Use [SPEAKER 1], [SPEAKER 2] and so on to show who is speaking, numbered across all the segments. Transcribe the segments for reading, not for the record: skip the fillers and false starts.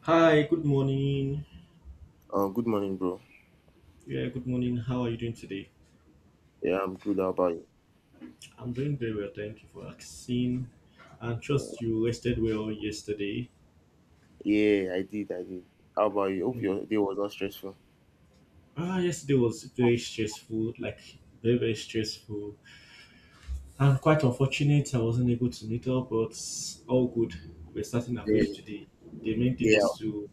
[SPEAKER 1] Hi, good morning.
[SPEAKER 2] Good morning, bro.
[SPEAKER 1] Yeah, good morning. How are you doing today?
[SPEAKER 2] Yeah, I'm good. How about you?
[SPEAKER 1] I'm doing very well, thank you for asking. I
[SPEAKER 2] Yeah,
[SPEAKER 1] trust you rested well yesterday.
[SPEAKER 2] yeah, I did. I did. How about you? Hope
[SPEAKER 1] Mm.
[SPEAKER 2] your day was not stressful.
[SPEAKER 1] Ah, yesterday was very stressful, like very, very stressful. And quite unfortunate, I wasn't able to meet up, but all good. We're starting
[SPEAKER 2] Yeah,
[SPEAKER 1] afresh today. The main thing
[SPEAKER 2] yeah.
[SPEAKER 1] is to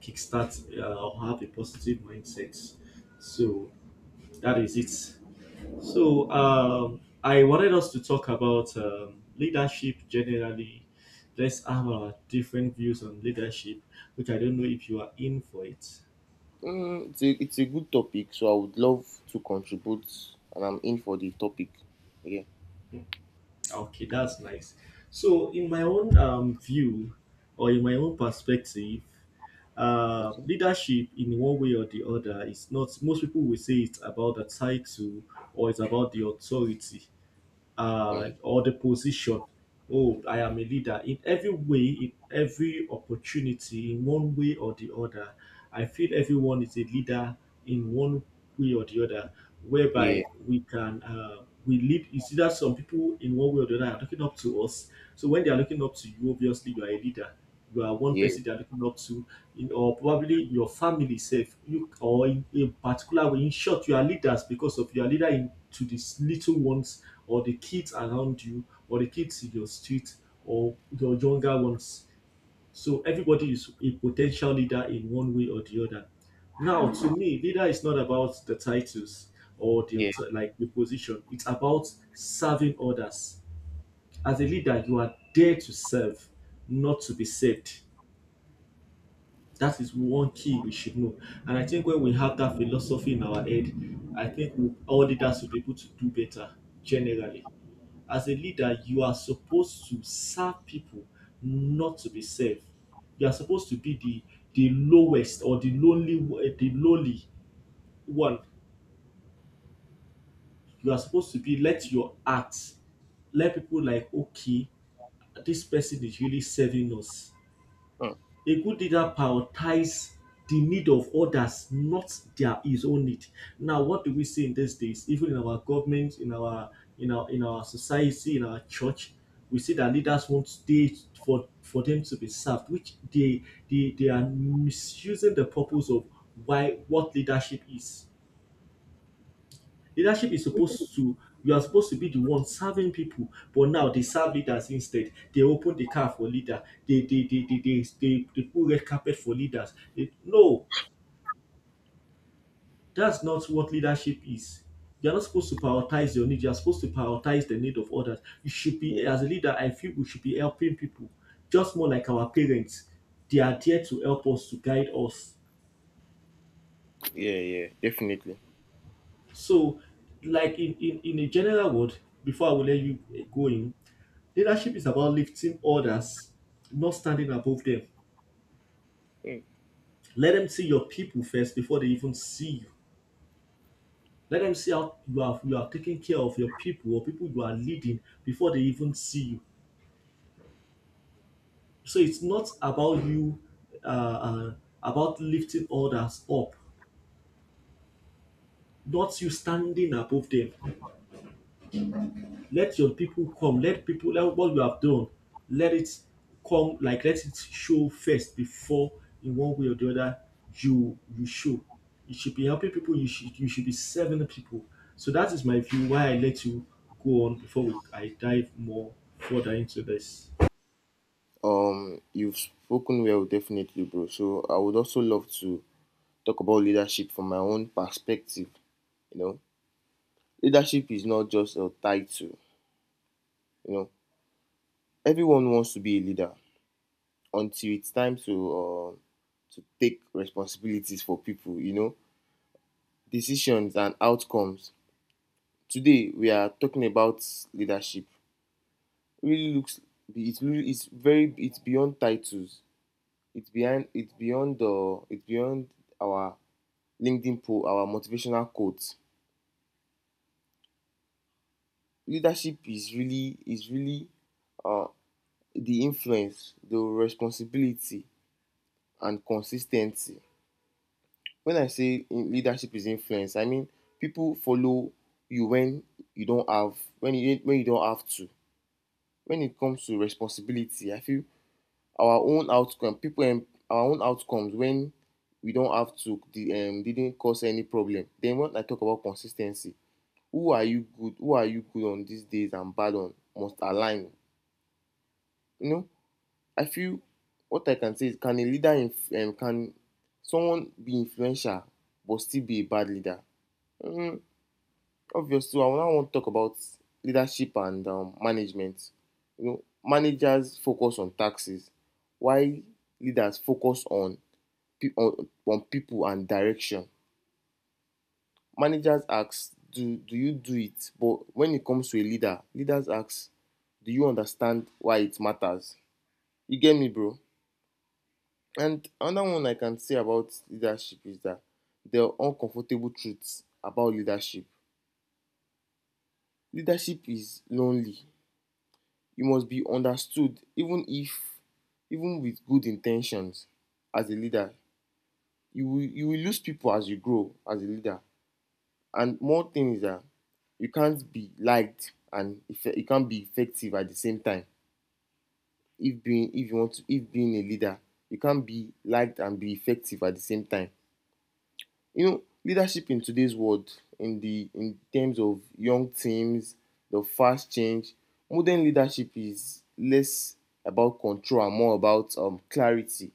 [SPEAKER 1] kickstart or have a positive mindset. So that is it. So I wanted us to talk about leadership generally. Let's have our different views on leadership, which I don't know if you are in for it.
[SPEAKER 2] It's a good topic, so I would love to contribute, and I'm in for the topic. Yeah.
[SPEAKER 1] Okay, that's nice. So in my own view, or in my own perspective,
[SPEAKER 2] Okay.
[SPEAKER 1] leadership in one way or the other is not. Most people will say it's about the title or it's about the authority,
[SPEAKER 2] Mm,
[SPEAKER 1] or the position. Oh, I am a leader. In every way, in every opportunity, in one way or the other, I feel everyone is a leader in one way or the other,
[SPEAKER 2] yeah,
[SPEAKER 1] whereby we lead. You see that some people in one way or the other are looking up to us. So when they are looking up to you, obviously you are a leader. You are one
[SPEAKER 2] yeah,
[SPEAKER 1] person they are looking up to, in, or probably your family self, you or in a particular way. In short, you are leaders because of you are leader in, to these little ones or the kids around you or the kids in your street or your younger ones. So everybody is a potential leader in one way or the other. Now, to me, leader is not about the titles or the
[SPEAKER 2] yeah,
[SPEAKER 1] like the position. It's about serving others. As a leader, you are there to serve, not to be saved. That is one key we should know. And I think when we have that philosophy in our head, I think all leaders will be able to do better generally. As a leader, you are supposed to serve people, not to be served. You are supposed to be the lowest or the lowly one. You are supposed to be let your heart let people like okay, this person is really serving us.
[SPEAKER 2] mm,
[SPEAKER 1] A good leader prioritizes the need of others, not their his own need. Now, what do we see in these days? Even in our government, in our society, in our church, we see that leaders want they for them to be served, which they are misusing the purpose of why what leadership is. Leadership is supposed to You are supposed to be the one serving people, but now they serve leaders instead. They open the car for leader. They put red carpet for leaders. No, that's not what leadership is. You're not supposed to prioritize your need. You're supposed to prioritize the need of others. You should be
[SPEAKER 2] yeah,
[SPEAKER 1] as a leader. I feel we should be helping people, just more like our parents. They are there to help us to guide us.
[SPEAKER 2] yeah. Definitely.
[SPEAKER 1] So, like in a general word, before I will let you go in. Leadership is about lifting others, not standing above them.
[SPEAKER 2] Mm.
[SPEAKER 1] Let them see your people first before they even see you. Let them see how you are taking care of your people or people you are leading before they even see you. So it's not about you uh, uh, about lifting others up, not you standing above them. Let your people come, let people, let what you have done, let it come, like let it show first before, in one way or the other, you show. You should be helping people. You should be serving people. So that is my view, why I let you go on before I dive more further into this.
[SPEAKER 2] You've spoken well, definitely, bro. So I would also love to talk about leadership from my own perspective. You know, leadership is not just a title. You know, everyone wants to be a leader until it's time to take responsibilities for people, decisions and outcomes. Today we are talking about leadership. It really looks it's really it's very it's beyond titles it's behind it's beyond the it's beyond our LinkedIn poll, our motivational quotes. Leadership is really is really uh, the influence, the responsibility, and consistency. When I say in leadership is influence, I mean people follow you when you don't have when you don't have to. When it comes to responsibility, I feel our own outcomes when we don't have to the didn't cause any problem. Then when I talk about consis ten cy, who are you good on these days and bad on must align. You know, I feel what I can say is can someone be influential but still be a bad leader? um Obviously, I now want to talk about leadership and management. You know, managers focus on taxes, while leaders focus on on people and direction. Managers ask, "Do you do it?" But when it comes to a leader, leaders ask, "Do you understand why it matters?" You get me, bro. And another one I can say about leadership is that there are uncomfortable truths about leadership. Leadership is lonely. You must be understood even if, even with good intentions as a leader, you will lose people as you grow as a leader. And more thing is that you can't be effective at the same time. If being if you want to, if being a leader, you can't be liked and be effective at the same time. You know, leadership in today's world, in terms of young teams, the fast change, modern leadership is less about control and more about clarity,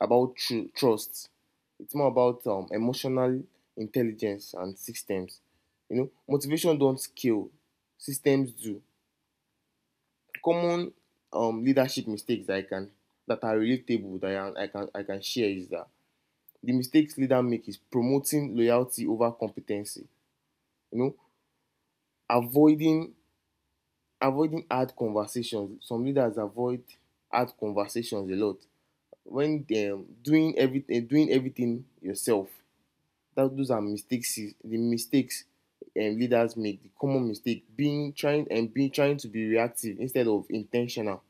[SPEAKER 2] about trust. It's more about emotional intelligence and systems. You know, motivation don't scale, systems do. Common leadership mistakes that are relatable that I can share is that the mistakes leaders make is promoting loyalty over competency. You know, avoiding avoiding hard conversations. Some leaders avoid hard conversations a lot. When they're doing everything yourself. That those are mistakes the mistakes leaders make. The common mistake being trying and being trying to be reactive instead of intentional.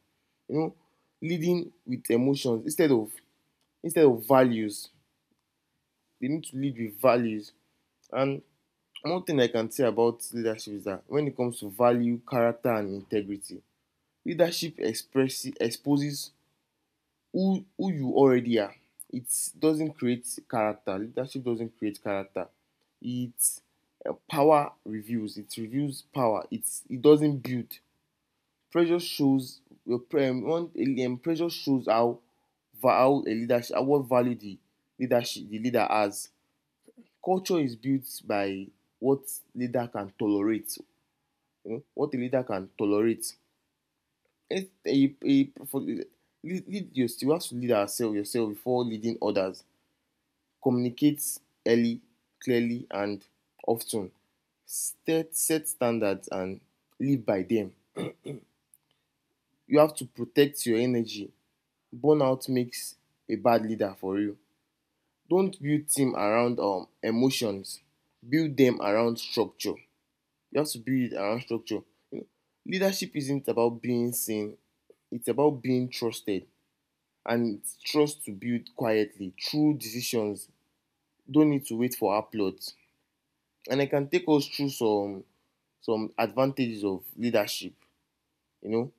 [SPEAKER 2] You know, leading with emotions instead of values. They need to lead with values. And one thing I can say about leadership is that when it comes to value, character, and integrity, leadership express exposes who you already are. It doesn't create character. Leadership doesn't create character. It, power reveals, it reveals power, it's, it doesn't build. Pressure shows your um, pressure shows how how a leadership what value the leadership, the leader has. Culture is built by what leader can tolerate. You know, what the leader can tolerate. A for, lead, lead your, You have to lead ourselves yourself before leading others. Communicate early, clearly, and often. Set standards and live by them. You have to protect your energy. Burnout makes a bad leader for real. Don't build team around emotions. Build them around structure. You have to build it around structure. You know, leadership isn't about being seen. It's about being trusted. And trust to build quietly. True decisions don't need to wait for applause. And I can take us through some advantages of leadership. You know,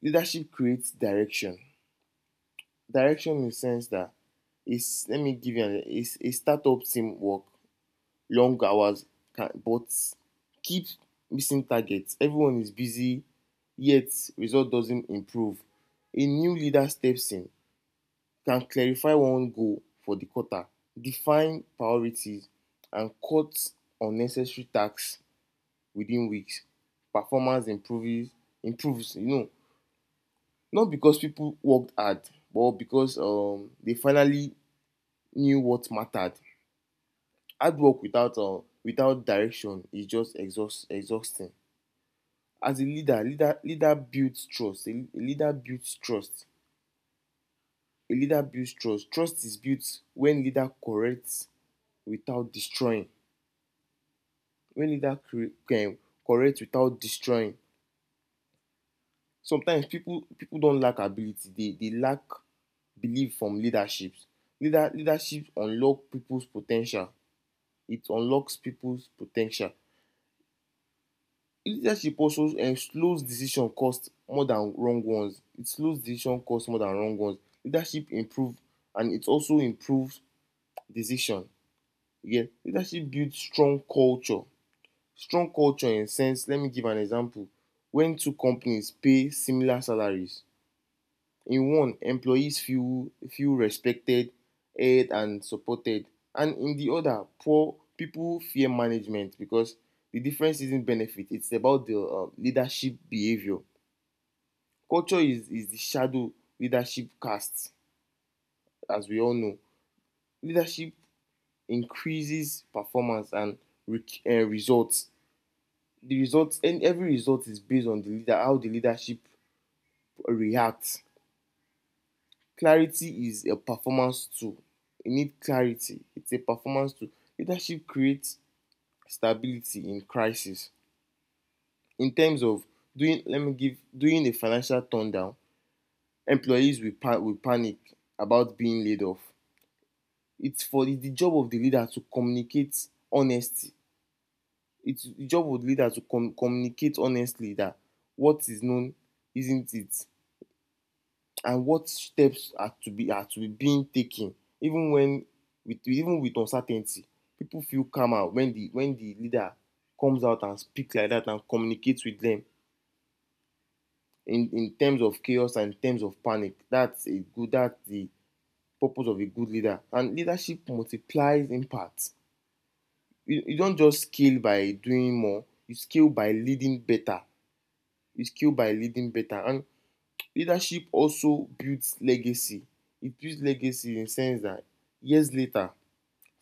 [SPEAKER 2] leadership creates direction. Direction in the sense that it's let me give you an it's a startup team work long hours, can, but keep missing targets. Everyone is busy, yet result doesn't improve. A new leader steps in, can clarify one goal for the quarter, define priorities, and cut unnecessary tasks within weeks. Performance improves, you know, not because people worked hard, but because they finally knew what mattered. Hard work without without direction is just exhausting. As a leader, leader builds trust. A leader builds trust. A leader builds trust. Trust is built when leader corrects without destroying. Wey need dat correct without destroying. Sometimes pipu don lack ability, dey lack belief from leadership. Leadership unlock pipus po ten tial, it unlocks pipus po ten tial. Leadership also slows decision cost more than wrong ones. It slows decision cost more than wrong ones. Leadership improve, and it also improves decision. You get. Leadership build strong culture, strong culture sense, let me give an example. When two companies pay similar salaries, in one employees feel respected, heard, and supported, and in the other poor people fear management. Because the difference isn't benefit, it's about the leadership behavior. Culture is the shadow leadership casts. As we all know, leadership increases performance and results. The results, and every result is based on the leader, how the leadership react. Clarity is a performance tool. You need clarity. It's a performance tool. Leadership creates stability in crisis. In terms of doing, let me give doing a financial turndown. Employees will, will panic about being laid off. It's the job of the leader to communicate honesty. It's the job of the leader to communicate honestly that what is known isn't it, and what steps are to be, are to be being taken, even when, with even with uncertainty, people feel calmer when the leader comes out and speaks like that and communicates with them in terms of chaos and in terms of panic. That's a good, that's the purpose of a good leader. And leadership multiplies impact. You don't just scale by doing more, you scale by leading better. You scale by leading better. And leadership also builds legacy. It builds legacy in the sense that years later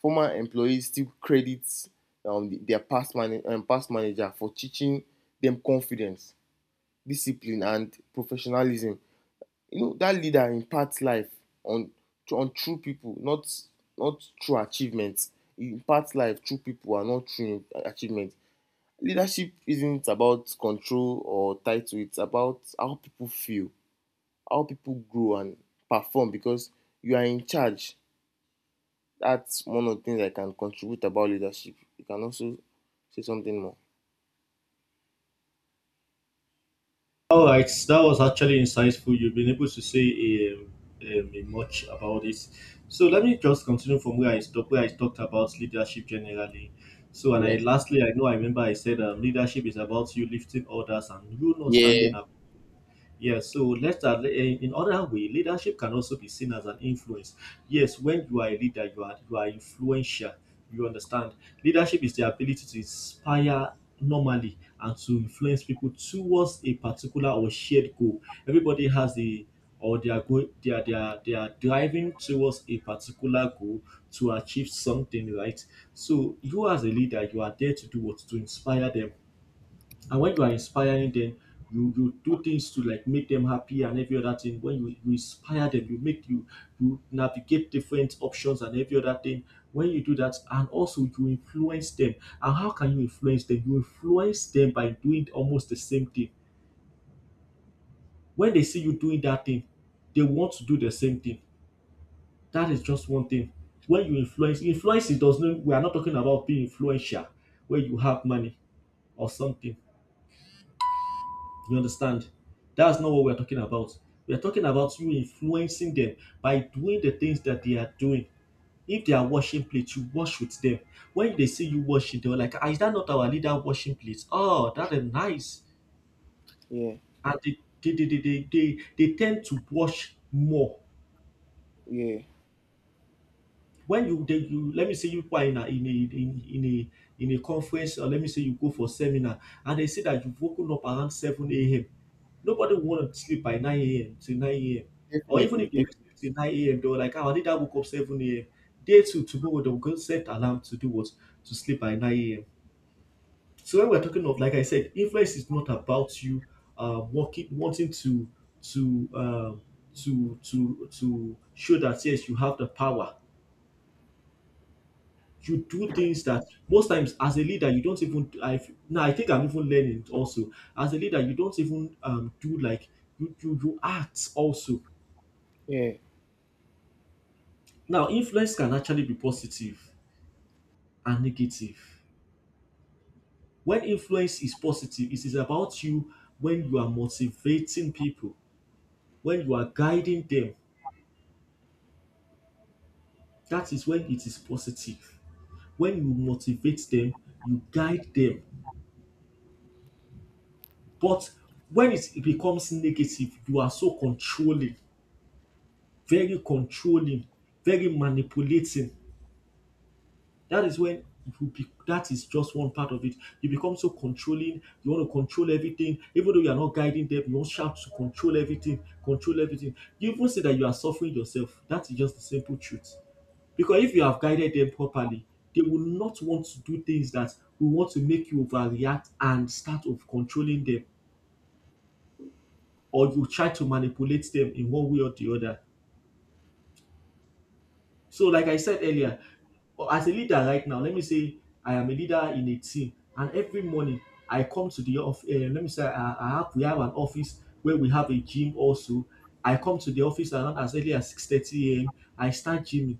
[SPEAKER 2] former employees still credit their past manager for teaching them confidence, discipline, and professionalism. You know that leader impacts life on on true people, not not true achievements. He impacts life through people and not through achievements. Leadership isn't about control or title. It's about how people feel, how people grow and perform because you are in charge. That's one of the things I can contribute about leadership. You can also say something more.
[SPEAKER 1] All right, that was actually insightful. You've been able to say much about this. So let me just continue from where I stopped, where I talked about leadership generally. So, and
[SPEAKER 2] Yeah.
[SPEAKER 1] I lastly, I know, I remember I said leadership is about you lifting others and you not
[SPEAKER 2] Yeah.
[SPEAKER 1] standing up. Yes, so let's that in other way, leadership can also be seen as an influence. Yes, when you are a leader, you are influential. You understand? Leadership is the ability to inspire normally and to influence people towards a particular or shared goal. Everybody has the, or they are go, they are driving towards a particular goal to achieve something, right? So you as a leader, you are there to do what to inspire them, and when you are inspiring them, you do things to like make them happy and every other thing. When you inspire them, you make you you navigate different options and every other thing. When you do that, and also you influence them. And how can you influence them? You influence them by doing almost the same thing. When they see you doing that thing, they want to do the same thing. That is just one thing. When you influence it does not. We are not talking about being influential, where you have money or something. You understand? That's not what we're talking about. We're talking about you influencing them by doing the things that they are doing. If they are washing plates, you wash with them. When they see you washing, they're like, ah, is that not our leader washing plates? Oh, that is nice.
[SPEAKER 2] yeah,
[SPEAKER 1] And they tend to wash more
[SPEAKER 2] yeah,
[SPEAKER 1] when you dey, you, let me say you people are in a in a in a conference, or let me say you go for seminar and they say that you've woken up around 7 a.m. Nobody will want to sleep by 9 a.m. to 9 a.m., or even
[SPEAKER 2] definitely.
[SPEAKER 1] if they will sleep till 9 a.m., they were like, oh, I woke up 7 a.m. Day two, tomorrow they'll go set alarm to do what? To sleep by 9 a.m. So when we're talking of, like I said, influence is not about you working, wanting to to um to show that yes, you have the power. You do things that most times as a leader you don't even, I, now I think I'm even learning also. As a leader, you don't even do like you act also.
[SPEAKER 2] Yeah,
[SPEAKER 1] Now influence can actually be positive and negative. When influence is positive, it is about you, when you are motivating people, when you are guiding them, that is when it is positive. When you motivate them, you guide them. But when it becomes negative, you are so controlling, very controlling, very manipulating. That is when you be, that is just one part of it. You become so controlling, you want to control everything, even though you are not guiding them, you want shout to control everything, control everything. You even say that you are suffering yourself. That is just the simple truth. Because if you have guided them properly, they will not want to do things that will want to make you overreact and start of controlling them, or you try to manipulate them in one way or the other. So like I said earlier, as a leader right now, let me say I am a leader in a team, and every morning I come to the office. Let me say I have we have an office where we have a gym also. I come to the office around as early as 6:30 a.m. I start gymming.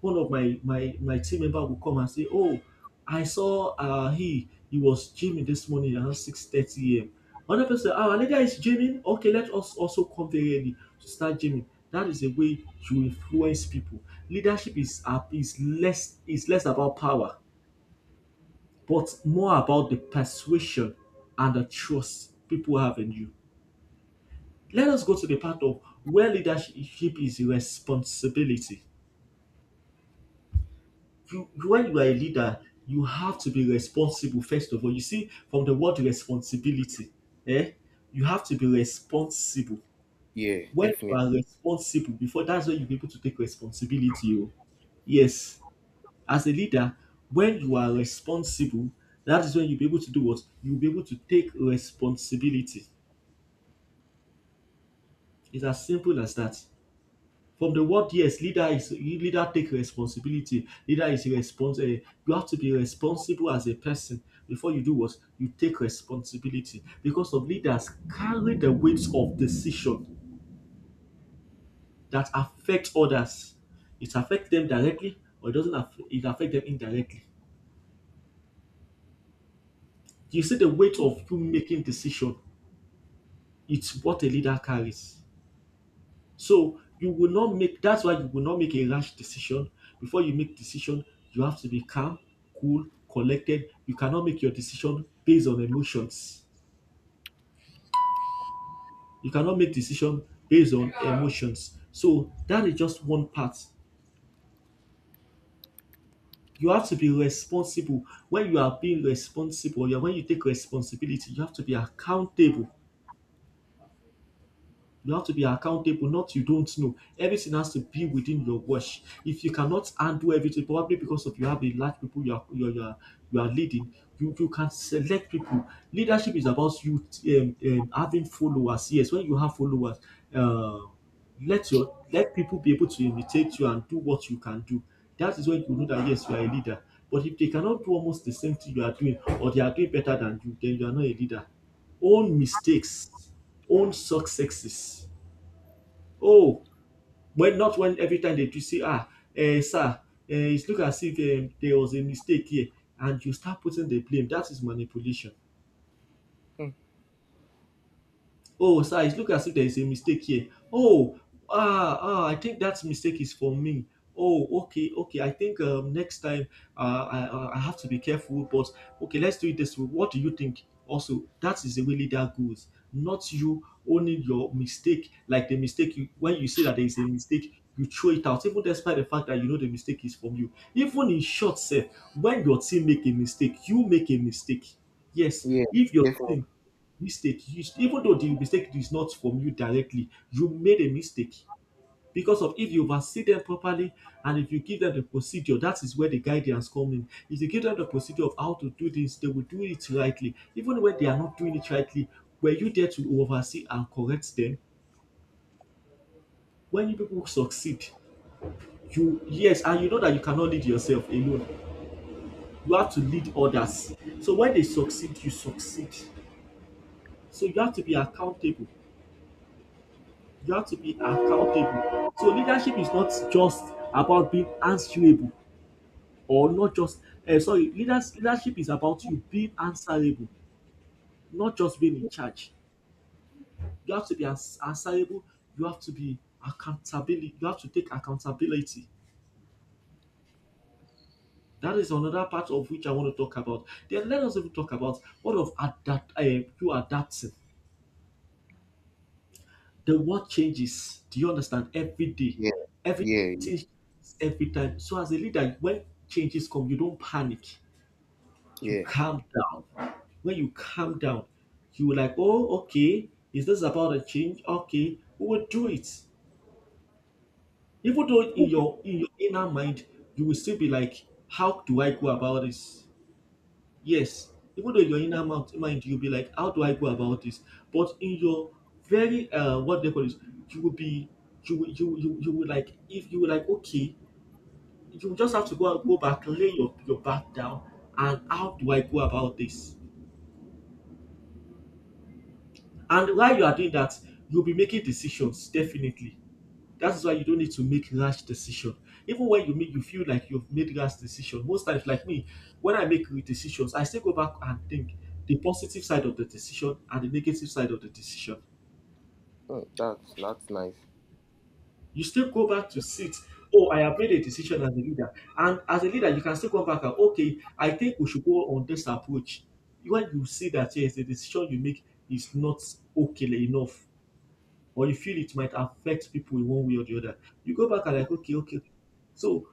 [SPEAKER 1] One of my team member will come and say, "Oh, I saw he was gymming this morning around 6:30 a.m." Another person, "Ah, another guy is gymming. Okay, let us also come very early to start gymming." That is the way you influence people. Leadership is is less about power, but more about the persuasion and the trust people have in you. Let us go to the part of where leadership is responsibility. You when you are a leader, you have to be responsible first of all. You see, from the word responsibility, eh? You have to be responsible.
[SPEAKER 2] yeah,
[SPEAKER 1] When you
[SPEAKER 2] definitely.
[SPEAKER 1] are responsible, before that's when you be able to take responsibility. Oh. Yes. As a leader, when you are responsible, that is when you'll be able to do what? You'll be able to take responsibility. It's as simple as that. From the word, yes, leader is leader take responsibility. Leader is responsible. You have to be responsible as a person before you do what you take responsibility, because some leaders carry the weight of decision that affect others. It affects them directly or it doesn't. It affect them indirectly. You see the weight of you making decision. It's what a leader carries. So you will not make that's why you will not make a rash decision. Before you make decision, you have to be calm, cool, collected. You cannot make your decision based on emotions. You cannot make decision based on emotions. So that is just one part. You have to be responsible. When you are being responsible, yeah, when you take responsibility, you have to be accountable. You have to be accountable, not you don't know. Everything has to be within your watch. If you cannot undo everything, probably because of you have a large people you are leading, you can select people. Leadership is about you having followers. Yes, when you have followers, uh, let your let people be able to imitate you and do what you can do. That is when you know that yes, you are a leader. But if they cannot do almost the same thing you are doing, or they are doing better than you, then you are not a leader. Own mistakes, own successes. Oh, when not when every time they do say, sir, it look as if there was a mistake here, and you start putting the blame. That is manipulation.
[SPEAKER 2] Mm.
[SPEAKER 1] Oh, sir, it looks as if there is a mistake here. Oh, I think that mistake is for me. Oh, okay, okay. I think next time I have to be careful, but okay, let's do it this way. What do you think? Also, that is the way leader goes. Not you owning your mistake, like the mistake you, when you say that there is a mistake, you throw it out, even despite the fact that you know the mistake is from you. Even in short self, when your team make a mistake, you make a mistake. Yes,
[SPEAKER 2] Yeah,
[SPEAKER 1] if your
[SPEAKER 2] definitely.
[SPEAKER 1] team mistake, you, even though the mistake is not from you directly, you made a mistake because of if you oversee them properly and if you give them the procedure, that is where the guidance come in. If you give them the procedure of how to do this, they will do it rightly. Even when they are not doing it rightly, were you there to oversee and correct them? When you people succeed, you yes, and you know that you cannot lead yourself alone. You have to lead others. So when they succeed, you succeed. So you have to be accountable. You have to be accountable. So leadership is not just about being answerable, or not just sorry, leadership is about you being answerable, not just being in charge. You have to be ans- answerable, you have to be accountability, you have to take accountability. That is another part of which I want to talk about. Then let us even talk about what of adapt you adapting. The world changes. Do you understand? Every day,
[SPEAKER 2] Yeah,
[SPEAKER 1] every
[SPEAKER 2] yeah,
[SPEAKER 1] changes every time. So as a leader, when changes come, you don't panic. You
[SPEAKER 2] yeah.
[SPEAKER 1] calm down. When you calm down, you will like, oh, okay, is this about a change? Okay, we will do it. Even though in your inner mind, you will still be like, how do I go about this? Yes, even though you're in your inner mouth mind you'll be like, how do I go about this? But in your very what they call this, you will be you will you will- you, will- you will like if you will like okay, you will just have to go back, lay your back down and how do I go about this? And while you are doing that, you'll be making decisions definitely. That's why you don't need to make rash decision. Even when you make you feel like you've made rash decision, most times like me, when I make decisions, I still go back and think the positive side of the decision and the negative side of the decision.
[SPEAKER 2] Mm, that's nice.
[SPEAKER 1] You still go back to sit. Oh, I have made a decision as a leader, and as a leader, you can still come back and okay, I think we should go on this approach. When you see that yes, the decision you make is not okay enough, or you feel it might affect people in one way or the other, you go back and like okay, okay, so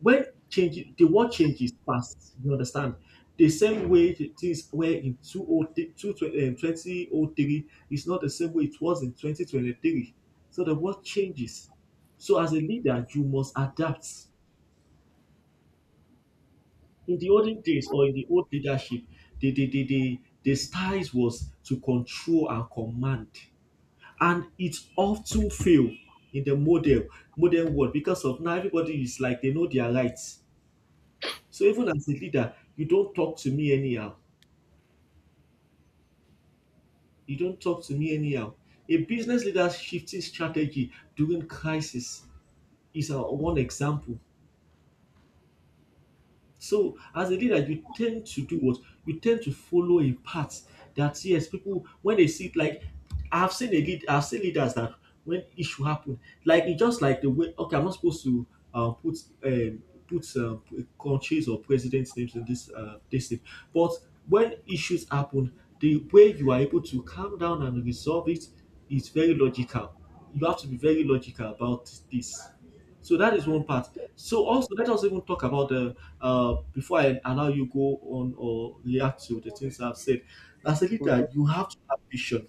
[SPEAKER 1] when change the world changes fast. You understand the same way it is where in 2003 is not the same way it was in 2023. So the world changes. So as a leader, you must adapt. In the olden days or in the old leadership, the styles was to control and command, and it often fail in the model modern world because of now everybody is like they know their rights. So even as a leader, you don't talk to me anyhow. You don't talk to me anyhow. A business leader's shifting strategy during crisis is one example. So as a leader, you tend to do what? You tend to follow a path that yes, people when they see it, like I've seen leaders that when issue happen, like it's just like the way okay, I'm not supposed to put put countries or presidents' names in this thing, but when issues happen, the way you are able to calm down and resolve it is very logical. You have to be very logical about this. So that is one part. So also let us even talk about the before I allow you go on or react to the things I've said. As a
[SPEAKER 2] Okay,
[SPEAKER 1] leader, you have to have vision.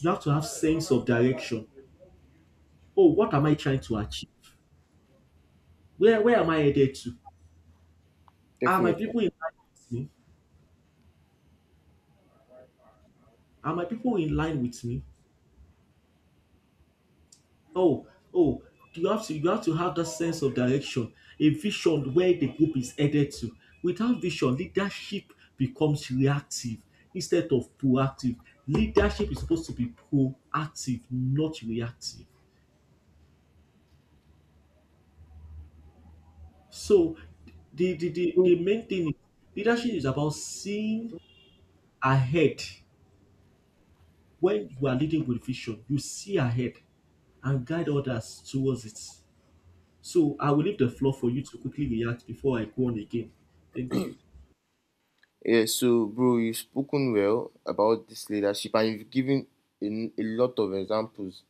[SPEAKER 1] You have to have sense of direction. Oh, what am I trying to achieve? Where am I headed to? Are my
[SPEAKER 2] definitely.
[SPEAKER 1] people in line with me? Are my people in line with me? Oh, oh, you have to have that sense of direction, a vision where the group is headed to. Without vision, leadership becomes reactive instead of proactive. Leadership is supposed to be proactive, not reactive. So the main thing is leadership is about seeing ahead. When you are leading with vision, you see ahead and guide others towards it. So I will leave the floor for you to quickly react before I go on again. Thank you.
[SPEAKER 2] Yeah. So, bro, you've spoken well about this leadership, and you've given a, a lot of examples,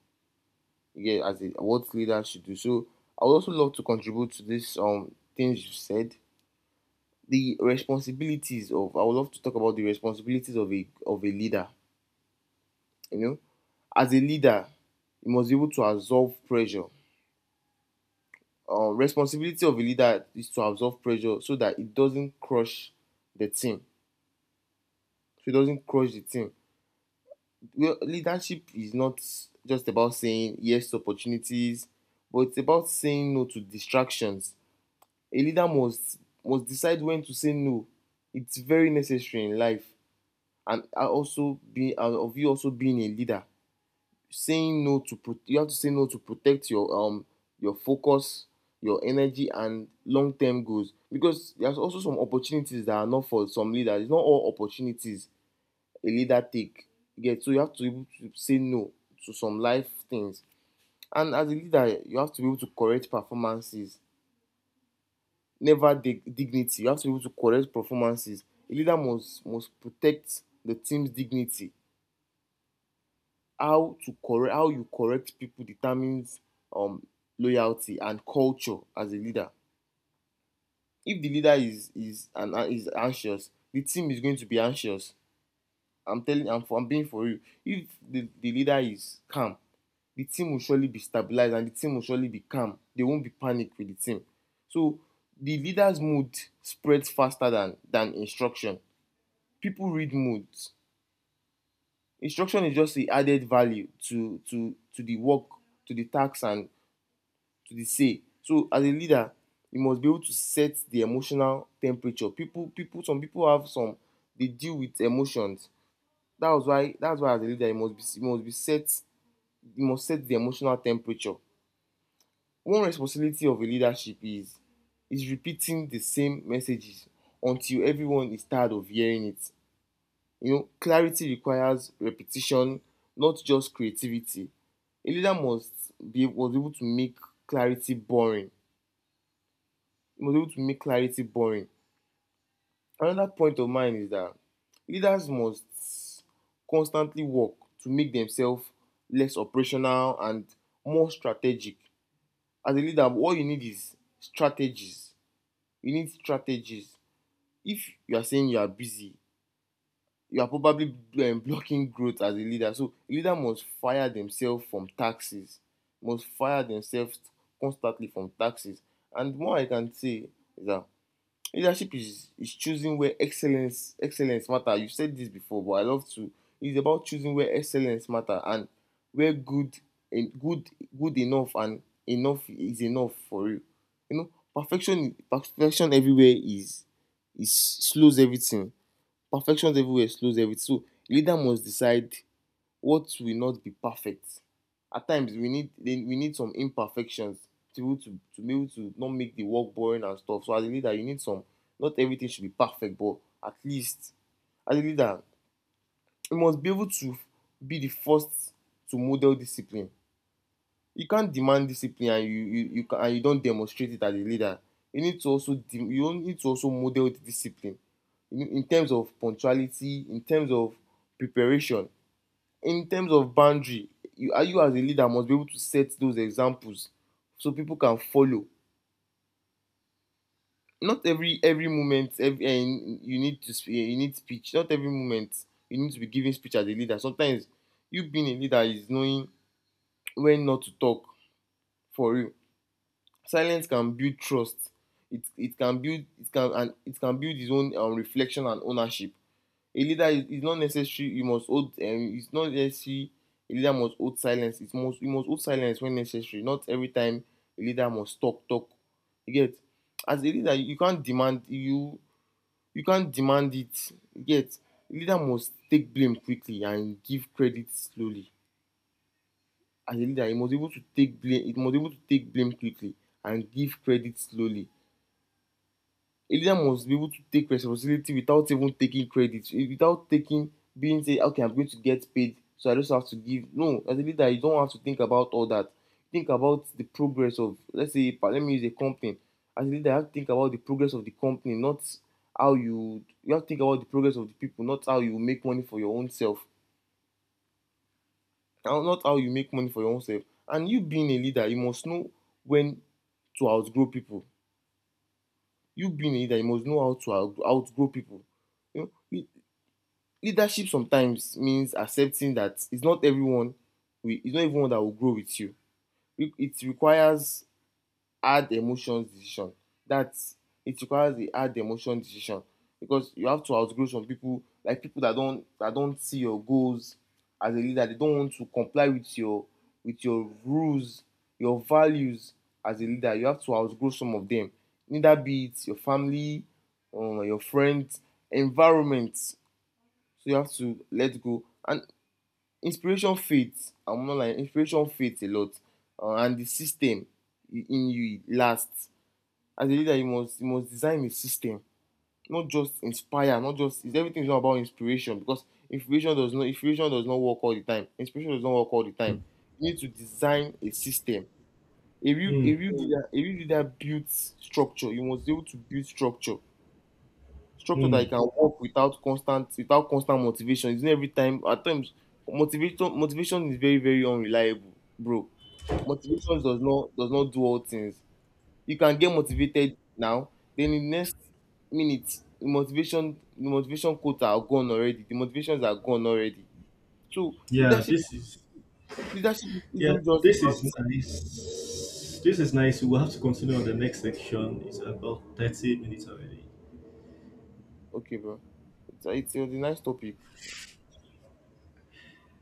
[SPEAKER 2] yeah, as a what leader should do. So I would also love to contribute to this things you said. The responsibilities of I would love to talk about the responsibilities of a leader. You know, as a leader, you must be able to absorb pressure. Responsibility of a leader is to absorb pressure so that it doesn't crush the team. So it doesn't crush the team. Well, leadership is not just about saying yes to opportunities, but it's about saying no to distractions. A leader must decide when to say no. It's very necessary in life, and also be of you also being a leader, saying no to you have to say no to protect your focus, your energy, and long term goals. Because there's also some opportunities that are not for some leaders. It's not all opportunities a leader take. Yeah, so you have to be able to say no to some life things, and as a leader, you have to be able to correct performances never dig- dignity. You have to be able to correct performances. A leader must protect the team's dignity. How you correct people determines um loyalty and culture as a leader. If the leader is anxious, the team is going to be anxious. I'm being for real. If the leader is calm, the team will surely be stabilized and the team will surely be calm. They won't be panic with the team. So the leader's mood spreads faster than instruction. People read moods. Instruction is just the added value to the work, to the task, and to the say. So as a leader, you must be able to set the emotional temperature. People people Some people have some, they deal with emotions. That's why as a leader you must be set you must set the emotional temperature. One responsibility of a leadership is repeating the same messages until everyone is tired of hearing it. You know, clarity requires repetition, not just creativity. A leader must be was able to make clarity boring. He must be able to make clarity boring. Another point of mine is that leaders must constantly work to make themselves less operational and more strategic. As a leader, what you need is strategies. You need strategies. If you are saying you are busy, you are probably blocking growth as a leader. So a leader must fire themselves from taxes, must fire themselves constantly from taxes. And more I can say is that leadership is choosing where excellence matter. You said this before, but I love to. It's about choosing where excellence matter, and where good and good enough and enough is enough for you. You know, perfection everywhere is slows everything. Perfection everywhere slows everything. So leader must decide what will not be perfect. At times we need some imperfections to be able to not make the work boring and stuff. So as a leader, you need some, not everything should be perfect, but at least as a leader, you must be able to be the first to model discipline. You can't demand discipline and you don't demonstrate it as a leader. You need to also you need to also model the discipline, in terms of punctuality, in terms of preparation, in terms of boundary. You as a leader must be able to set those examples so people can follow. Not every every moment every eh, you need to you need speech. Not every moment you need to be giving speech as a leader. Sometimes you being a leader is knowing when not to talk. For real, silence can build trust. It, it can build it can and it can build his own reflection and ownership. A leader is not necessary you must hold it's not necessary. A leader must hold silence, it must, you must hold silence when necessary, not every time a leader must talk, you get? As a leader you can't demand, you can't demand it, you get? A leader must take blame quickly and give credit slowly. As a leader he must be able to take blame, he must be able to take blame quickly and give credit slowly. A leader must be able to take responsibility without even taking credit, without taking, being, say, okay, I'm going to get paid, so I just have to give. No, as a leader you don't have to think about all that. Think about the progress of, let's say, let me use a company. As a leader you have to think about the progress of the company, not how you have to think about the progress of the people, not how you make money for your own self, not how you make money for your own self. And you being a leader, you must know when to outgrow people. You being a leader, you must know how to outgrow people. You know, leadership sometimes means accepting that it's not everyone, it's not everyone that will grow with you. It requires hard emotions decision. That's, it requires a hard emotion decision, because you have to outgrow some people, like people that don't see your goals as a leader. They don't want to comply with your, with your rules, your values as a leader. You have to outgrow some of them. Neither be it your family, your friends, environment. So you have to let go. And inspiration fades, I'm not like inspiration fades a lot, and the system in you lasts. As a leader you must design a system, not just inspire, not just, is everything, is not about inspiration, because inspiration does not, inspiration does not work all the time, inspiration does not work all the time. You need to design a system. A
[SPEAKER 1] Mm,
[SPEAKER 2] real leader, a real leader builds structure. You must be able to build structure. Structure that you
[SPEAKER 1] mm.
[SPEAKER 2] can work without constant motivation. It's not every time, at times motivator motivation is very, very unreliable, bro. Motivation does not do all things. You can get motivated now, then in the next minute, the motivation quotes are gone already. The motivations are gone already. So
[SPEAKER 1] Yeah, this is
[SPEAKER 2] leadership
[SPEAKER 1] yeah,
[SPEAKER 2] isn't just
[SPEAKER 1] this
[SPEAKER 2] about,
[SPEAKER 1] is nice. This is nice. We'll have to continue on the next section. It's about 30 minutes already.
[SPEAKER 2] okay, bro. It's a nice topic.